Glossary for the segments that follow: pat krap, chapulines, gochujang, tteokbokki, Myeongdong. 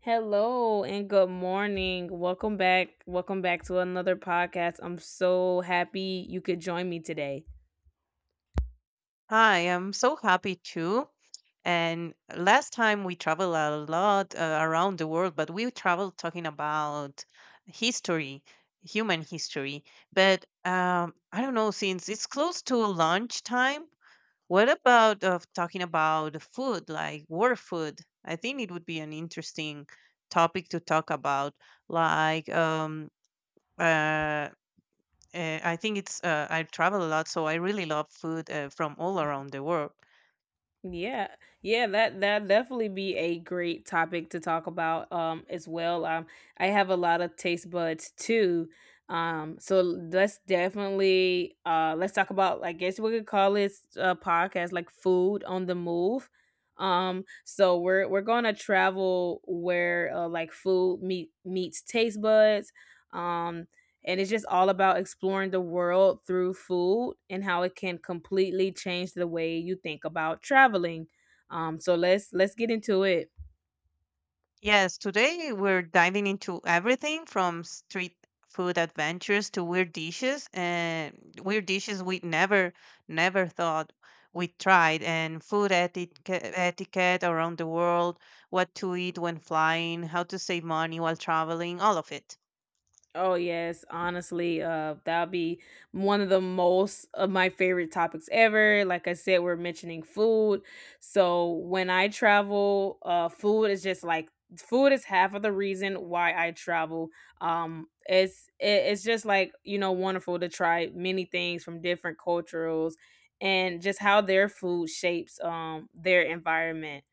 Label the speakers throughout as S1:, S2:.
S1: Hello and good morning. Welcome back. Welcome back to another podcast. I'm so happy you could join me today.
S2: Hi, I'm so happy too. And last time we traveled a lot around the world, but we traveled talking about history, human history. But I don't know, since it's close to lunchtime, what about of talking about food, like war food? I think it would be an interesting topic to talk about, like uh, I think it's I travel a lot, so I really love food from all around the world.
S1: Yeah. Yeah, that definitely be a great topic to talk about as well. I have a lot of taste buds too. So let's definitely let's talk about, I guess we could call this podcast, like food on the move. So we're going to travel where, like food meets taste buds. Um and it's just all about exploring the world through food and how it can completely change the way you think about traveling. So let's get into it.
S2: Yes, today we're diving into everything from street food adventures to weird dishes and weird dishes we never thought we tried and food etiquette around the world, what to eat when flying, how to save money while traveling, all of it.
S1: Oh yes, honestly, that'll be one of the most of my favorite topics ever. Like I said, we're mentioning food, so when I travel, food is just like food is half of the reason why I travel. It's just like wonderful to try many things from different cultures and just how their food shapes their environment.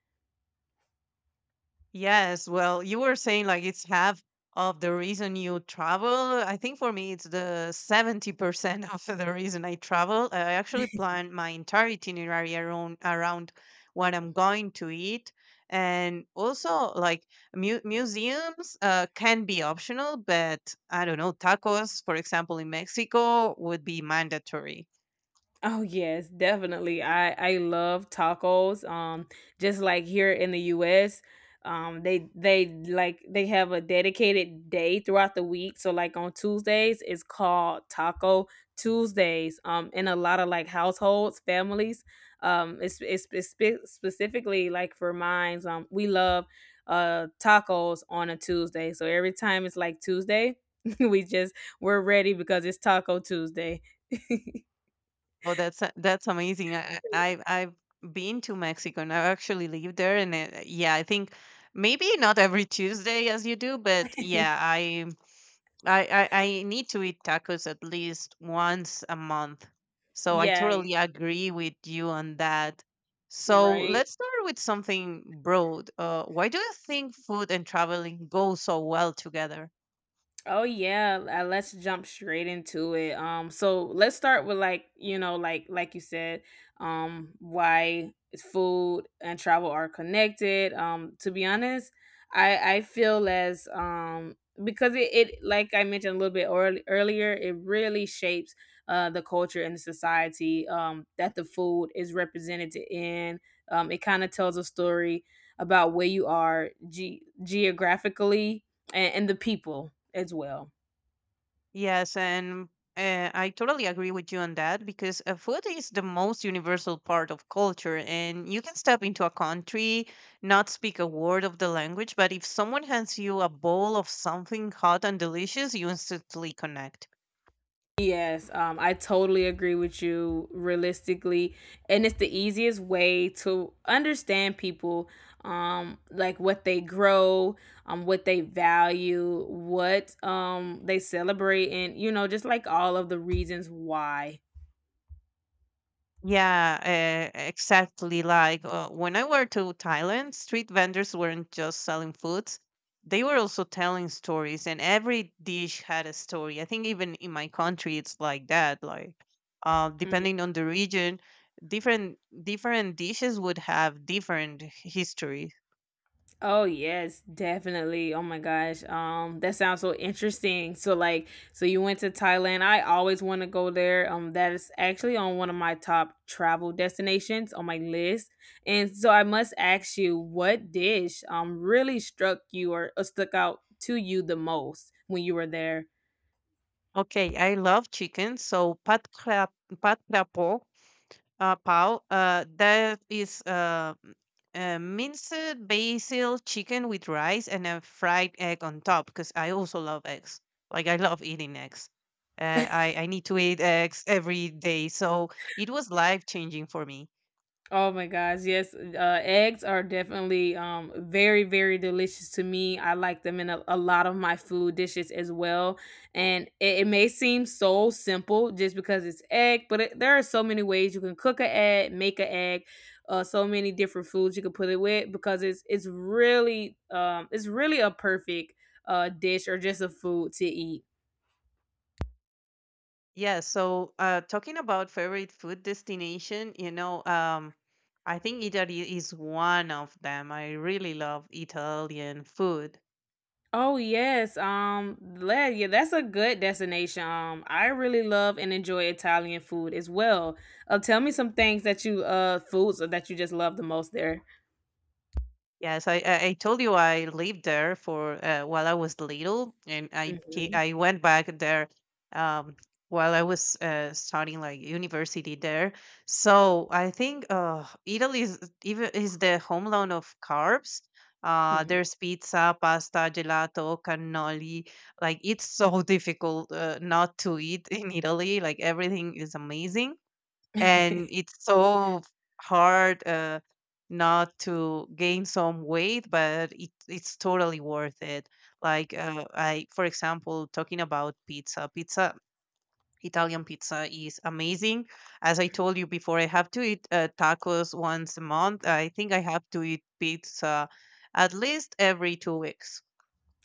S2: Yes, well, you were saying like it's half of the reason you travel. I think for me, it's the 70% of the reason I travel. I actually plan my entire itinerary around what I'm going to eat. And also, like museums can be optional, but I don't know, tacos, for example, in Mexico would be mandatory.
S1: Oh yes, definitely. I love tacos. Just like here in the U.S., they have a dedicated day throughout the week. So like on Tuesdays, it's called Taco Tuesdays. In a lot of like households, families, specifically like for mines. We love tacos on a Tuesday. So every time it's like Tuesday, we just we're ready because it's Taco Tuesday.
S2: Oh, that's amazing. I've been to Mexico and I actually lived there, and uh, yeah, I think maybe not every Tuesday as you do, but yeah, I need to eat tacos at least once a month. So I
S1: Yeah,
S2: totally agree with you on that. So
S1: right.
S2: let's start with something broad. Why do you think food and traveling go so well together?
S1: Oh yeah, let's jump straight into it. So let's start with, like, you know, like you said, why food and travel are connected. To be honest, I feel as because it like I mentioned a little bit earlier, it really shapes the culture and the society that the food is represented in. It kind of tells a story about where you are geographically and the people as well.
S2: Yes, and I totally agree with you on that because food is the most universal part of culture, and you can step into a country, not speak a word of the language, but if someone hands you a bowl of something hot and delicious, you instantly connect.
S1: Yes, I totally agree with you realistically. And it's the easiest way to understand people, like what they grow, what they value, what they celebrate, and, just like all of the reasons why.
S2: Yeah, exactly. Like when I went to Thailand, street vendors weren't just selling foods; they were also telling stories, and every dish had a story. I think even in my country, it's like that. Like,
S1: Mm.
S2: depending on the region, different dishes would have different history.
S1: Oh yes, definitely. Oh my gosh. That sounds so interesting. So like so you went to Thailand. I always want to go there. That is actually on one of my top travel destinations on my list. And so I must ask you what dish really struck you, or stuck out to you the most when you were there?
S2: Okay, I love chicken, so pat krap pal. That is minced basil chicken with rice and a fried egg on top because I also love eggs. Like I love eating eggs. I need to eat eggs every day, so it was life changing for me.
S1: Oh my gosh, yes, eggs are definitely very, very delicious to me. I like them in a lot of my food dishes as well. And it may seem so simple just because it's egg, but it, there are so many ways you can cook an egg, make an egg, so many different foods you can put it with because it's really it's really a perfect dish, or just a food to eat.
S2: Yeah. So talking about favorite food destination, you know, I think Italy is one of them. I really love Italian food.
S1: Oh yes, yeah, that's a good destination. I really love and enjoy Italian food as well. Tell me some things that you foods that you just love the most there.
S2: Yes, I I told you I lived there for while I was little, and
S1: hmm
S2: I went back there um, while I was starting like university there. So I think Italy is the homeland of carbs.
S1: hmm
S2: There's pizza, pasta, gelato, cannoli. Like it's so difficult not to eat in Italy. Like everything is amazing and it's so hard not to gain some weight, but it's totally worth it. Like I for example, talking about pizza, Italian pizza is amazing. As I told you before, I have to eat tacos once a month. I think I have to eat pizza at least every 2 weeks.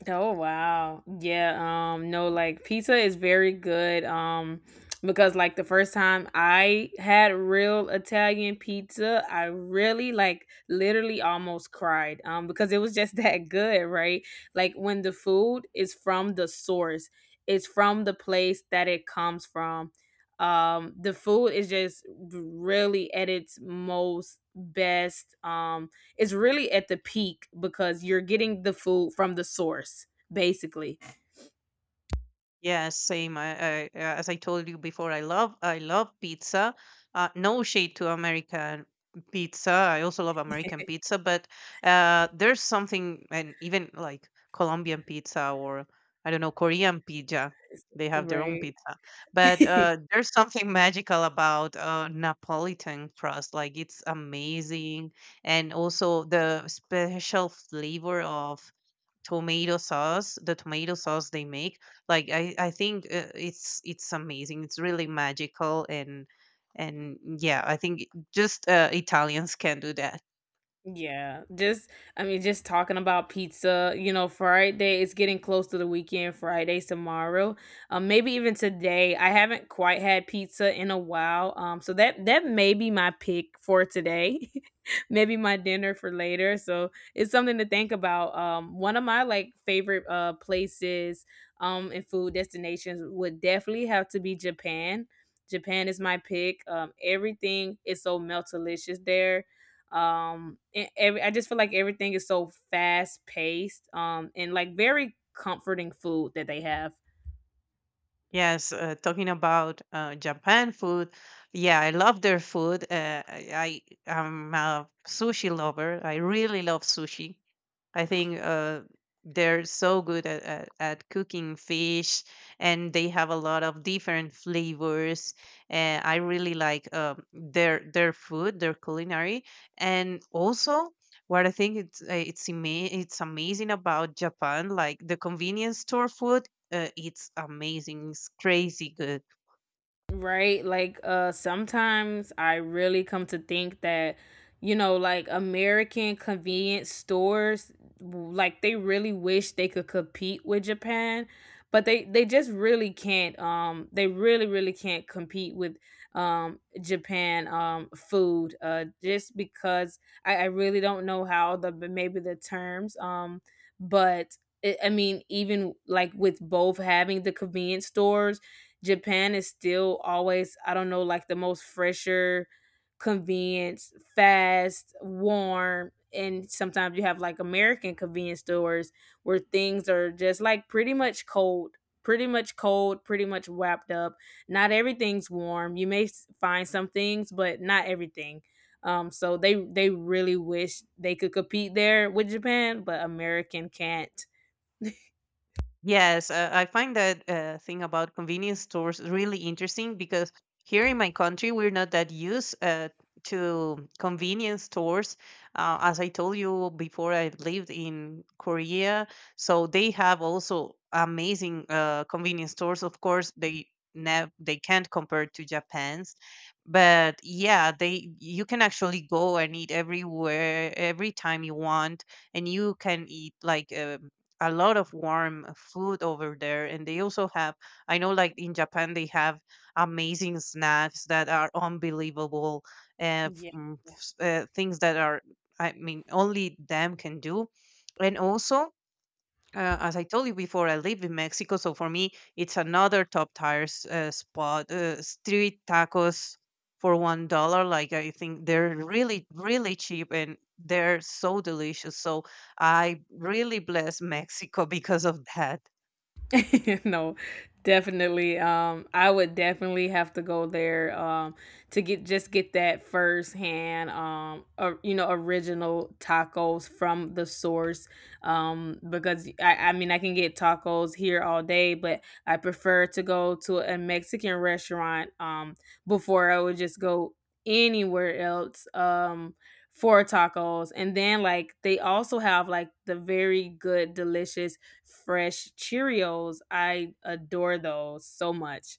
S1: Oh wow. Yeah, no, like pizza is very good because like the first time I had real Italian pizza, I really like literally almost cried because it was just that good, right? Like when the food is from the source, it's from the place that it comes from. The food is just really at its most best is really at the peak because you're getting the food from the source, basically.
S2: Yes, same. As I told you before, I love pizza. No shade to American pizza. I also love American pizza, but there's something, and even like Colombian pizza or, I don't know, Korean pizza. They have their own
S1: Right.
S2: pizza, but there's something magical about Napolitan crust. Like it's amazing, and also the special flavor of tomato sauce the tomato sauce they make. Like I think it's amazing, it's really magical. And yeah, I think just Italians can do that.
S1: Yeah, just I mean, just talking about pizza, you know, Friday, it's getting close to the weekend. Friday's tomorrow. Maybe even today. I haven't quite had pizza in a while. So that may be my pick for today. Maybe my dinner for later. So it's something to think about. One of my like favorite places and food destinations would definitely have to be Japan. Japan is my pick. Everything is so melt delicious there and I just feel like everything is so fast paced and like very comforting food that they have.
S2: Yes, talking about Japan food, yeah, I love their food. I'm a sushi lover. I really love sushi. I think they're so good at cooking fish, and they have a lot of different flavors. And I really like their food, their culinary. And also, what I think it's amazing about Japan, like the convenience store food, it's amazing. It's crazy good.
S1: Right? Like sometimes I really come to think that, you know, like American convenience stores like they really wish they could compete with Japan, but they just really can't they really really can't compete with Japan food just because I really don't know how the, but maybe the terms but it, I mean, even like with both having the convenience stores, Japan is still always, I don't know, like the most fresher, convenient, fast, warm. And sometimes you have like American convenience stores where things are just like pretty much cold, pretty much wrapped up. Not everything's warm. You may find some things, but not everything. So they really wish they could compete there with Japan, but American can't.
S2: Yes, I find that thing about convenience stores really interesting because here in my country, we're not that used to convenience stores. As I told you before, I lived in Korea, so they have also amazing convenience stores. Of course, they can't compare to Japan's, but yeah, they you can actually go and eat everywhere, every time you want, and you can eat like. A lot of warm food over there. And they also have, I know like in Japan they have amazing snacks that are unbelievable,
S1: Yeah.
S2: things that, are I mean, only them can do. And also, as I told you before, I live in Mexico, so for me, it's another top tires spot. Street tacos for $1. Like I think they're really, really cheap and they're so delicious. So I really bless Mexico because of that.
S1: No, definitely. I would definitely have to go there to get that firsthand, or, you know, original tacos from the source. Because I mean, I can get tacos here all day, but I prefer to go to a Mexican restaurant before I would just go anywhere else. For tacos, and then like they also have like the very good delicious fresh Cheerios. I adore those so much.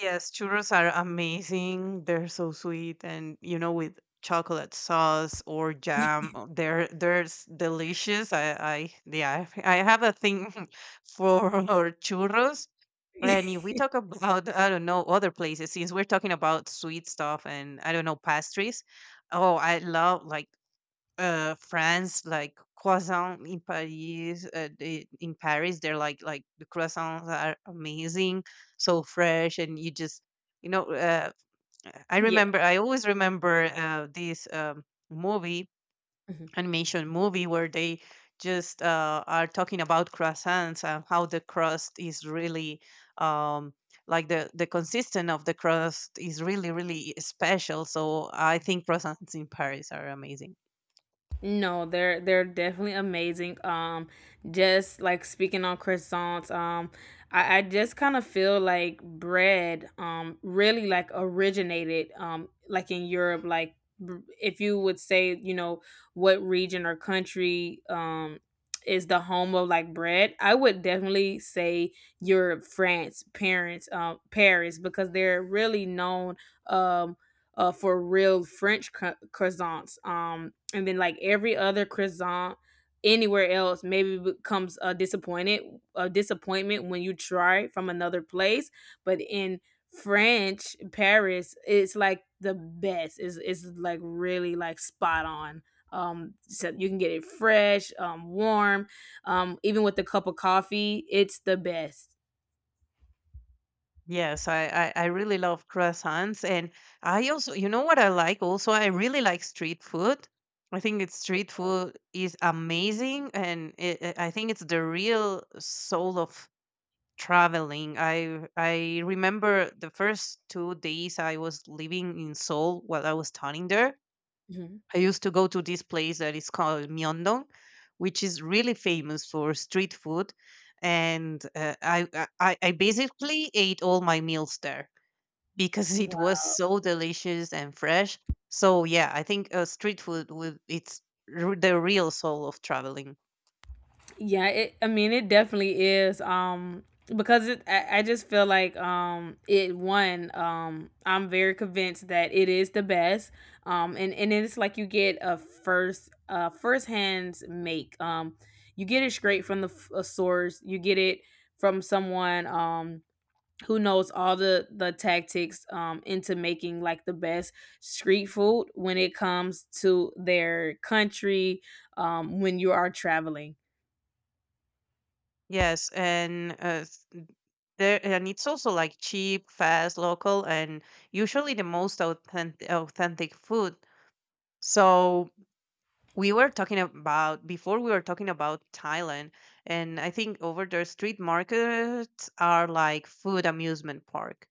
S2: Yes, churros are amazing. They're so sweet, and, you know, with chocolate sauce or jam, oh, they're delicious. I Yeah, I have a thing for churros. And if we talk about, I don't know, other places, since we're talking about sweet stuff and, I don't know, pastries. Oh, I love like France, like croissant in Paris. They, in Paris, they're like the croissants are amazing, so fresh, and you just, you know. I
S1: Yeah.
S2: remember, I always remember this movie animation movie where they just are talking about croissants and how the crust is really um, like the consistent of the crust is really, really special. So I think croissants in Paris are amazing.
S1: No, they're definitely amazing. Just like speaking on croissants, I just kind of feel like bread, really like originated, like in Europe. Like if you would say, you know, what region or country, is the home of like bread, I would definitely say Europe, France, parents, Paris, because they're really known, um, for real French croissants. And then like every other croissant anywhere else maybe becomes a disappointment when you try from another place, but in french paris, it's like the best, is it's like really like spot on, so you can get it fresh, warm, even with a cup of coffee, it's the best.
S2: Yes, I really love croissants. And I also, you know what I like also? I really like street food. I think it's street food is amazing. And I think it's the real soul of traveling. I remember the first 2 days I was living in Seoul while I was studying there.
S1: Mhm.
S2: I used to go to this place that is called Myeongdong, which is really famous for street food. And I basically ate all my meals there because it was so delicious and fresh. So yeah, I think street food would it's the real soul of traveling.
S1: Yeah, I mean, it definitely is. I just feel like it one I'm very convinced that it is the best. And it's like you get a first first hands make. You get it straight from a source. You get it from someone who knows all the tactics into making like the best street food when it comes to their country when you are traveling.
S2: Yes, and s- there. And it's also like cheap, fast, local, and usually the most authentic food. So we were talking about, before we were talking about Thailand, and I think over there street markets are like food amusement park.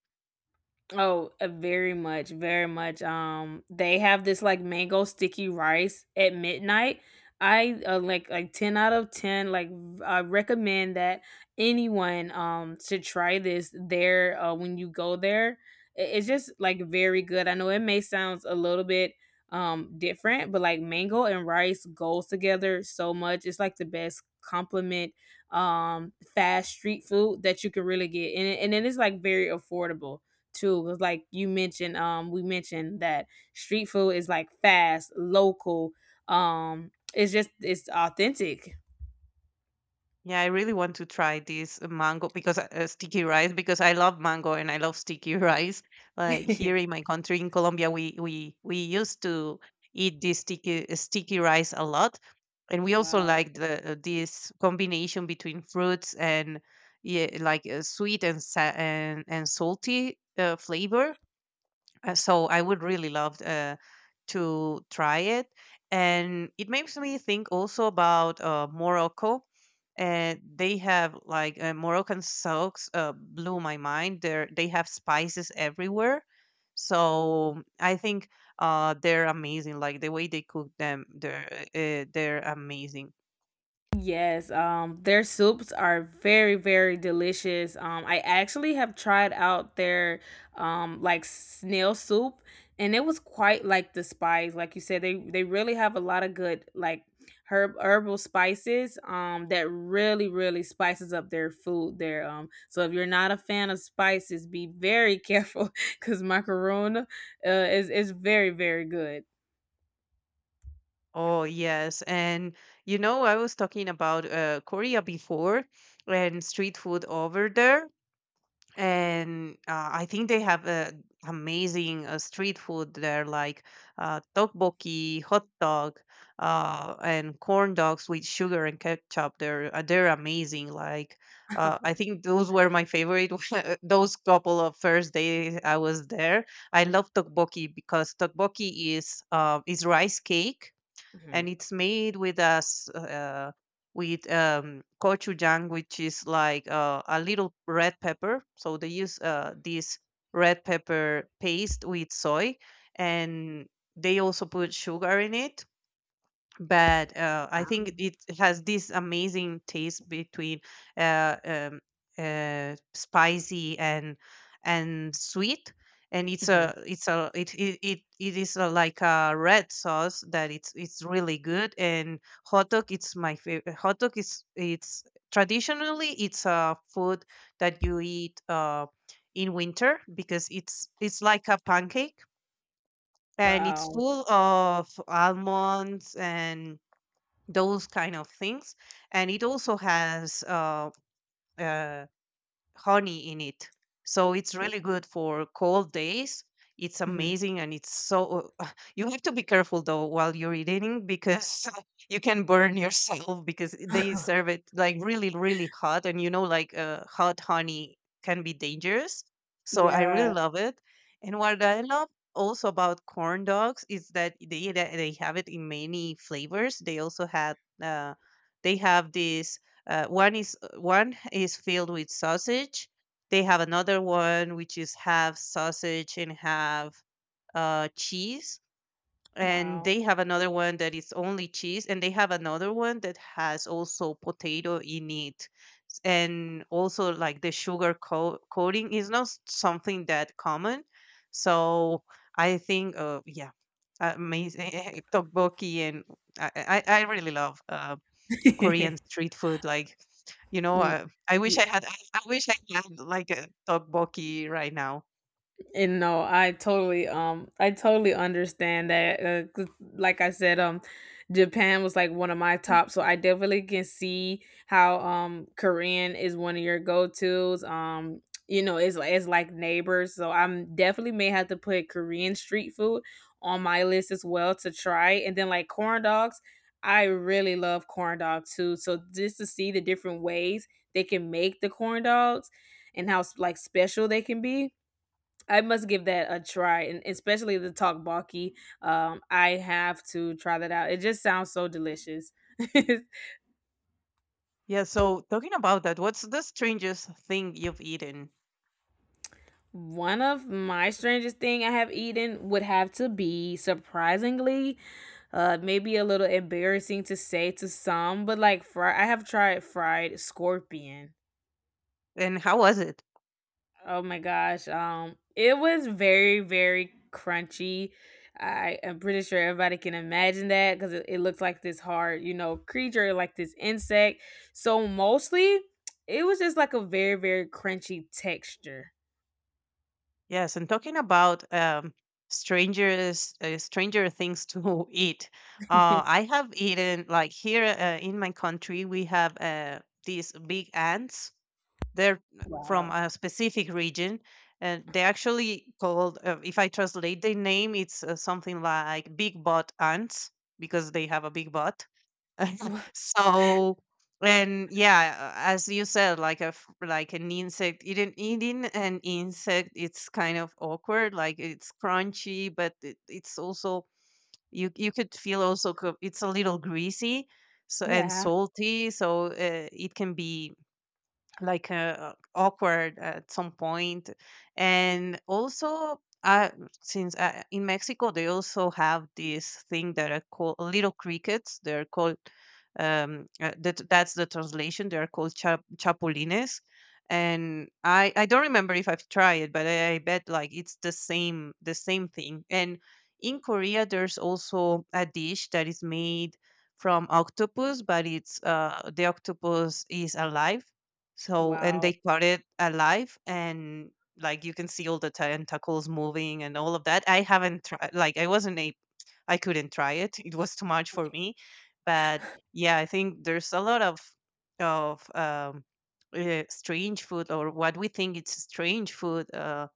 S1: Oh, very much, very much. They have this like mango sticky rice at midnight. I like 10 out of 10. Like I recommend that anyone should try this there when you go there. I- It's just like very good. I know it may sound a little bit different, but like mango and rice goes together so much. It's like the best compliment, fast street food that you can really get, and it is like very affordable too. 'Cause like you mentioned, we mentioned that street food is like fast, local. It's just it's authentic.
S2: Yeah, I really want to try this mango, because sticky rice, because I love mango and I love sticky rice. Like here in my country in Colombia, we used to eat this sticky rice a lot, and we also
S1: Wow.
S2: like the this combination between fruits and, yeah, like and salty flavor. So I would really love to try it, and it makes me think also about Morocco. And they have like Moroccan socks blew my mind. They have spices everywhere, so I think they're amazing. Like the way they cook them, they're amazing.
S1: Yes, their soups are very, very delicious. I actually have tried out their like snail soup, and it was quite like the spice. Like you said, they really have a lot of good like herbal spices that really, really spices up their food there. So if you're not a fan of spices, be very careful because Macaroon is very, very good.
S2: Oh yes, and you know I was talking about Korea before and street food over there. And I think they have amazing street food there, like tteokbokki, hot dog, and corn dogs with sugar and ketchup. They're amazing. Like I think those were my favorite. Those couple of first days I was there, I love tteokbokki because tteokbokki is rice cake, and
S1: Mhm.
S2: it's made with us with gochujang, which is like a little red pepper. So they use this red pepper paste with soy, and they also put sugar in it. But I
S1: Wow.
S2: think it has this amazing taste between uh, um, spicy and sweet, and
S1: Mhm.
S2: it's a it it it, it is a, like a red sauce that it's really good. And hot dog, it's my favorite. Hot dog is, it's traditionally it's a food that you eat in winter because it's like a pancake and it's
S1: Wow.
S2: full of almonds and those kind of things. And it also has uh, honey in it. So it's really good for cold days. It's
S1: Mhm.
S2: amazing, and it's so you have to be careful though while you're eating because you can burn yourself because they serve it like really, really hot, and you know, like hot honey can be dangerous. So I
S1: Yeah.
S2: really love it. And what I love also about corn dogs is that they have it in many flavors. They also had uh, they have this one is filled with sausage. They have another one which is half sausage and half cheese, and
S1: Wow.
S2: they have another one that is only cheese, and they have another one that has also potato in it. And also like the coating is not something that common. So I think amazing tteokbokki, and I really love Korean street food. Like, you know,
S1: Mm.
S2: uh, I wish
S1: Y
S2: I had. I wish I had like a tteokbokki right now.
S1: And no, I totally understand that. 'Cause like I said, Japan was like one of my
S2: Mm.
S1: top, so I definitely can see how Korean is one of your go-tos. You know, it's like neighbors, so I'm definitely may have to put Korean street food on my list as well to try. And then like corn dogs, I really love corn dogs too. So just to see the different ways they can make the corn dogs and how like special they can be, I must give that a try, and especially the talk balky. I have to try that out. It just sounds so delicious.
S2: Yeah. So talking about that, what's the strangest thing you've eaten,
S1: One of my strangest thing I have eaten would have to be, surprisingly, maybe a little embarrassing to say to some, but like fry. I have tried fried scorpion.
S2: and how was it?
S1: Oh my gosh. It was very very crunchy. I am pretty sure everybody can imagine that cuz it looks like this hard, you know, creature like this insect. So mostly it was just like a very very crunchy texture.
S2: Yes, and talking about strangers, stranger things to eat. I have eaten like here in my country. We have these big ants. They're from
S1: Wow.
S2: a specific region, and they actually called. If I translate the name, it's something like big butt ants because they have a big butt. So and yeah, as you said, like a like an insect, eating an insect, it's kind of awkward. Like it's crunchy, but it's also you could feel also it's a little greasy, so and
S1: Yeah.
S2: salty. So it can be like awkward at some point, and also since in mexico they also have this thing that are called little crickets. They're called that's the translation. They're called chapulines, and I don't remember if I've tried it, but I bet like it's the same thing. And in korea there's also a dish that is made from octopus, but it's the octopus is alive, so, and they
S1: Wow.
S2: caught it alive, and like you can see all the tentacles moving and all of that. I haven't tried, like, I wasn't a, I couldn't try it. It was too much for me. But yeah, I think there's a lot of strange food or what we think it's strange food.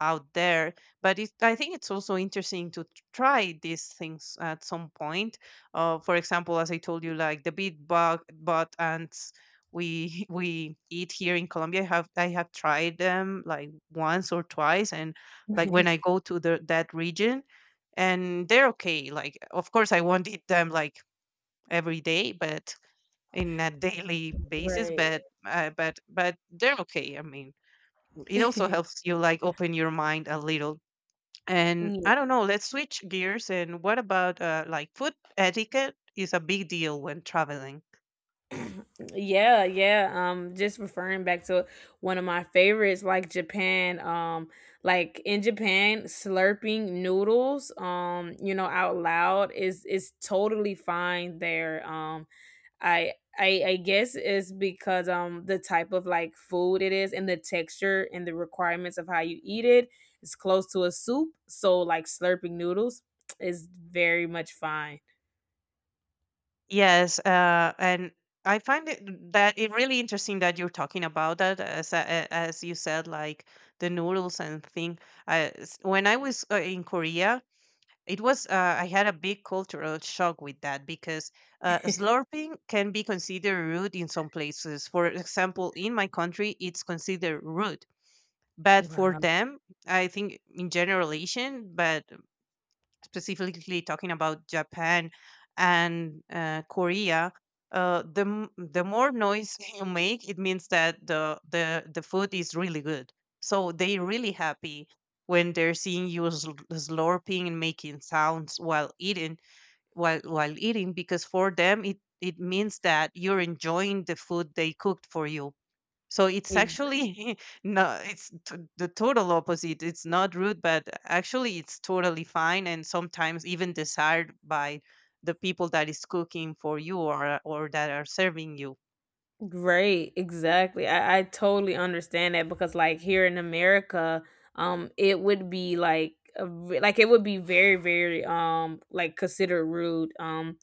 S2: Out there but it, I think it's also interesting to try these things at some point. For example, as I told you, like the big bug bot ants we we eat here in colombia, I have tried them like once or twice, and like when I go to the that region. And they're okay. Like of course I won't eat them like every day, but in a daily basis.
S1: Right.
S2: But but they're okay, I mean it also helps you like open your mind a little. And I
S1: Yeah.
S2: don't know, let's switch gears. And what about like food etiquette is a big deal when traveling?
S1: Yeah, yeah. Just referring back to one of my favorites, like Japan. Like in Japan, slurping noodles, you know, out loud is totally fine there. I guess it's because the type of like food it is and the texture and the requirements of how you eat it is close to a soup. So like slurping noodles is very much fine.
S2: Yes, and I find it, mm, that it really interesting that you're talking about that. As you said, like the noodles and thing. I s When I was in Korea, it was, I had a big cultural shock with that because slurping can be considered rude in some places. For example, in my country, it's considered rude. But for
S1: Wow.
S2: them, I think in general Asian, but specifically talking about Japan and Korea, the more noise you make, it means that the food is really good. So they really happy when they're seeing you slurping and making sounds while eating while eating, because for them it it means that you're enjoying the food they cooked for you. So it's actually no, it's the total opposite. It's not rude, but actually it's totally fine, and sometimes even desired by the people that is cooking for you or that are serving you.
S1: Right, exactly. I totally understand that because like here in America, it would be like like it would be very, very like considered rude. Um,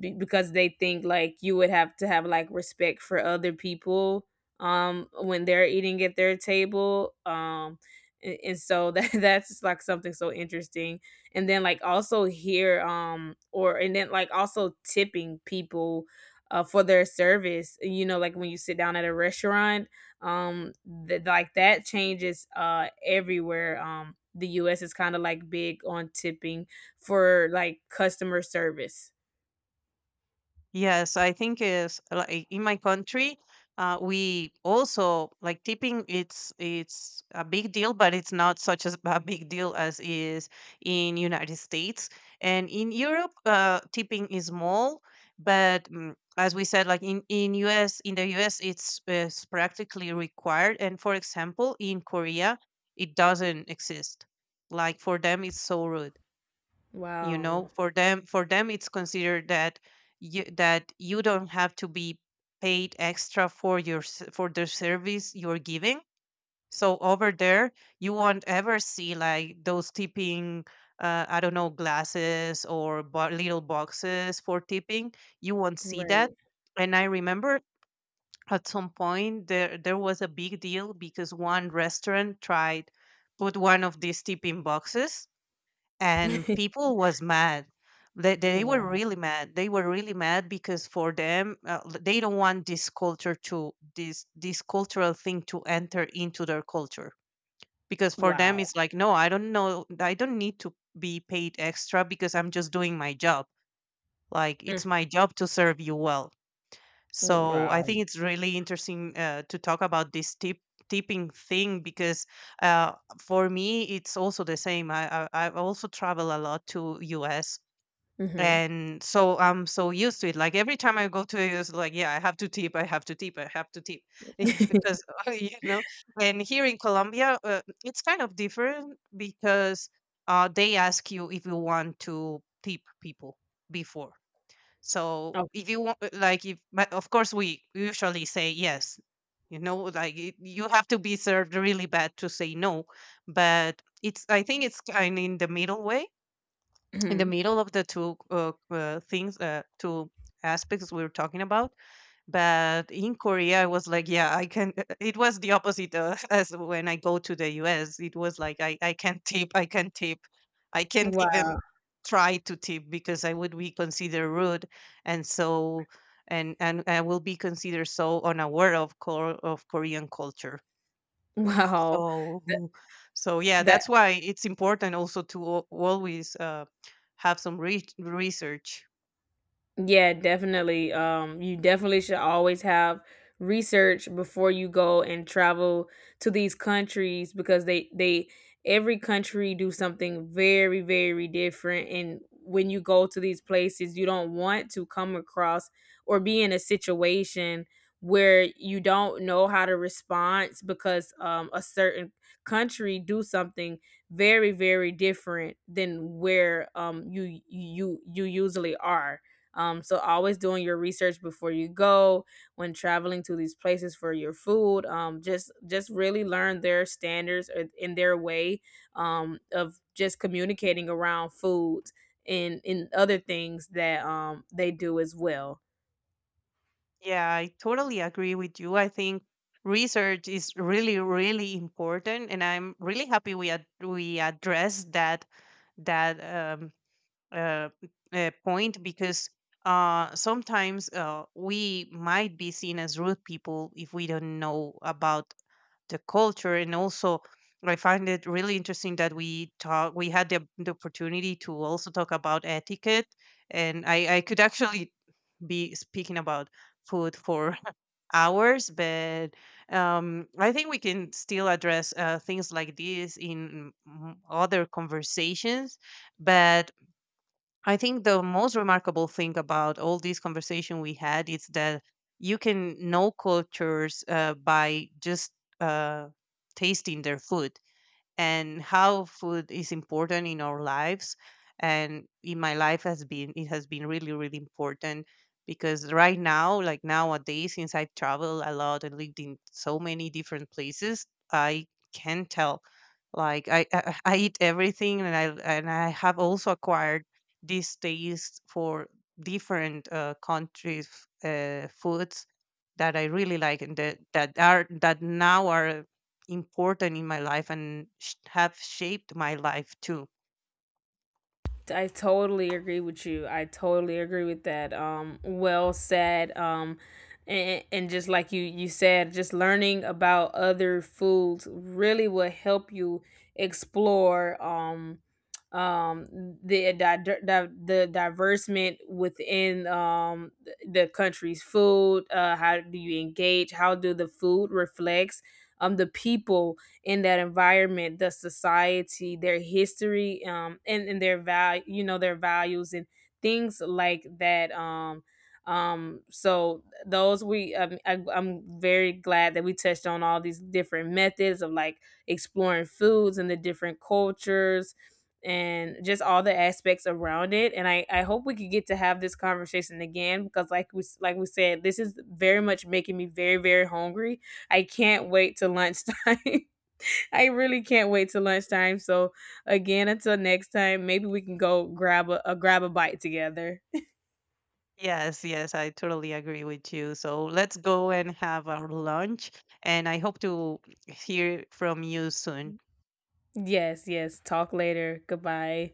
S1: b- Because they think like you would have to have like respect for other people when they're eating at their table and so that that's just, like something so interesting and then like also here or and then like also tipping people for their service, you know, like when you sit down at a restaurant, um like that changes everywhere. The US is kind of like big on tipping for like customer service.
S2: Yes, I think is like in my country, we also like tipping. It's a big deal, but it's not such as a big deal as is in United States and in Europe. Tipping is small, but mm, as we said, like in the US, it's practically required. And for example, in Korea, it doesn't exist. Like for them, it's so rude. You
S1: Wow.
S2: know, for them it's considered that you don't have to be paid extra for your for the service you're giving. So over there you won't ever see like those tipping I don't know, glasses or little boxes for tipping. You won't see that.
S1: Right.
S2: And I remember at some point there was a big deal because one restaurant tried put one of these tipping boxes, and people was mad. They were
S1: Wow.
S2: really mad. They were really mad because for them they don't want this culture to this cultural thing to enter into their culture. Because for them
S1: Wow.
S2: it's like no, I don't know, I don't need to be paid extra because I'm just doing my job. Like
S1: Mm,
S2: it's my job to serve you well. So I
S1: wow.
S2: think it's really interesting to talk about this tipping thing, because uh, for me it's also the same. I also travel a lot to US,
S1: Mhm.
S2: and so I'm so used to it. Like every time I go to US, like yeah, I have to tip, yeah, because you know. And here in Colombia, it's kind of different because they ask you if you want to tip people before. So if
S1: Okay.
S2: you want, like, if but of course we usually say yes. You know, like it, you have to be served really bad to say no. But it's I think it's kind of in the middle way, in the
S1: Mhm.
S2: middle of the two aspects we're talking about. But in korea I was like yeah I can, it was the opposite, as when I go to the us it was like I can't tip, I can't tip, I can't
S1: Wow.
S2: even try to tip, because I would be considered rude. And so, and I will be considered so unaware of core of korean culture.
S1: Wow.
S2: So
S1: That
S2: so yeah,
S1: that
S2: that's why it's important also to always have some research.
S1: Yeah, definitely. You definitely should always have research before you go and travel to these countries because they every country do something very very different, and when you go to these places you don't want to come across or be in a situation where you don't know how to respond because a certain country do something very very different than where you you you usually are. So always doing your research before you go when traveling to these places for your food. Just really learn their standards or in their way of just communicating around foods and in other things that they do as well.
S2: Yeah, I totally agree with you. I think research is really, really important, and I'm really happy we we addressed that um, uh, point, because sometimes we might be seen as rude people if we don't know about the culture. And also I find it really interesting that we talk. We had the opportunity to also talk about etiquette, and I could actually be speaking about food for hours. But I think we can still address things like this in mm, other conversations. But I think the most remarkable thing about all this conversation we had is that you can know cultures by just uh, tasting their food. And how food is important in our lives, and in my life has been, it has been really really important, because right now, like nowadays, since I travel a lot and lived in so many different places, I can tell like I eat everything, and I, and I have also acquired this taste for different countries foods that I really like, and that are that now are important in my life and have shaped my life too.
S1: I totally agree with you. I totally agree with that. Well said. And just like you said, just learning about other foods really will help you explore um, the di- di- the diversement within the country's food. How do you engage? How do the food reflects the people in that environment, the society, their history, and their value, you know, their values and things like that. So those we, I'm very glad that we touched on all these different methods of like exploring foods and the different cultures and just all the aspects around it, and I hope we could get to have this conversation again because like like we said, this is very much making me very very hungry. I can't wait to lunchtime. I really can't wait till lunchtime. So again, until next time, maybe we can go grab a bite together.
S2: Yes, yes, I totally agree with you. So let's go and have our lunch. And I hope to hear from you soon.
S1: Yes, yes. Talk later. Goodbye.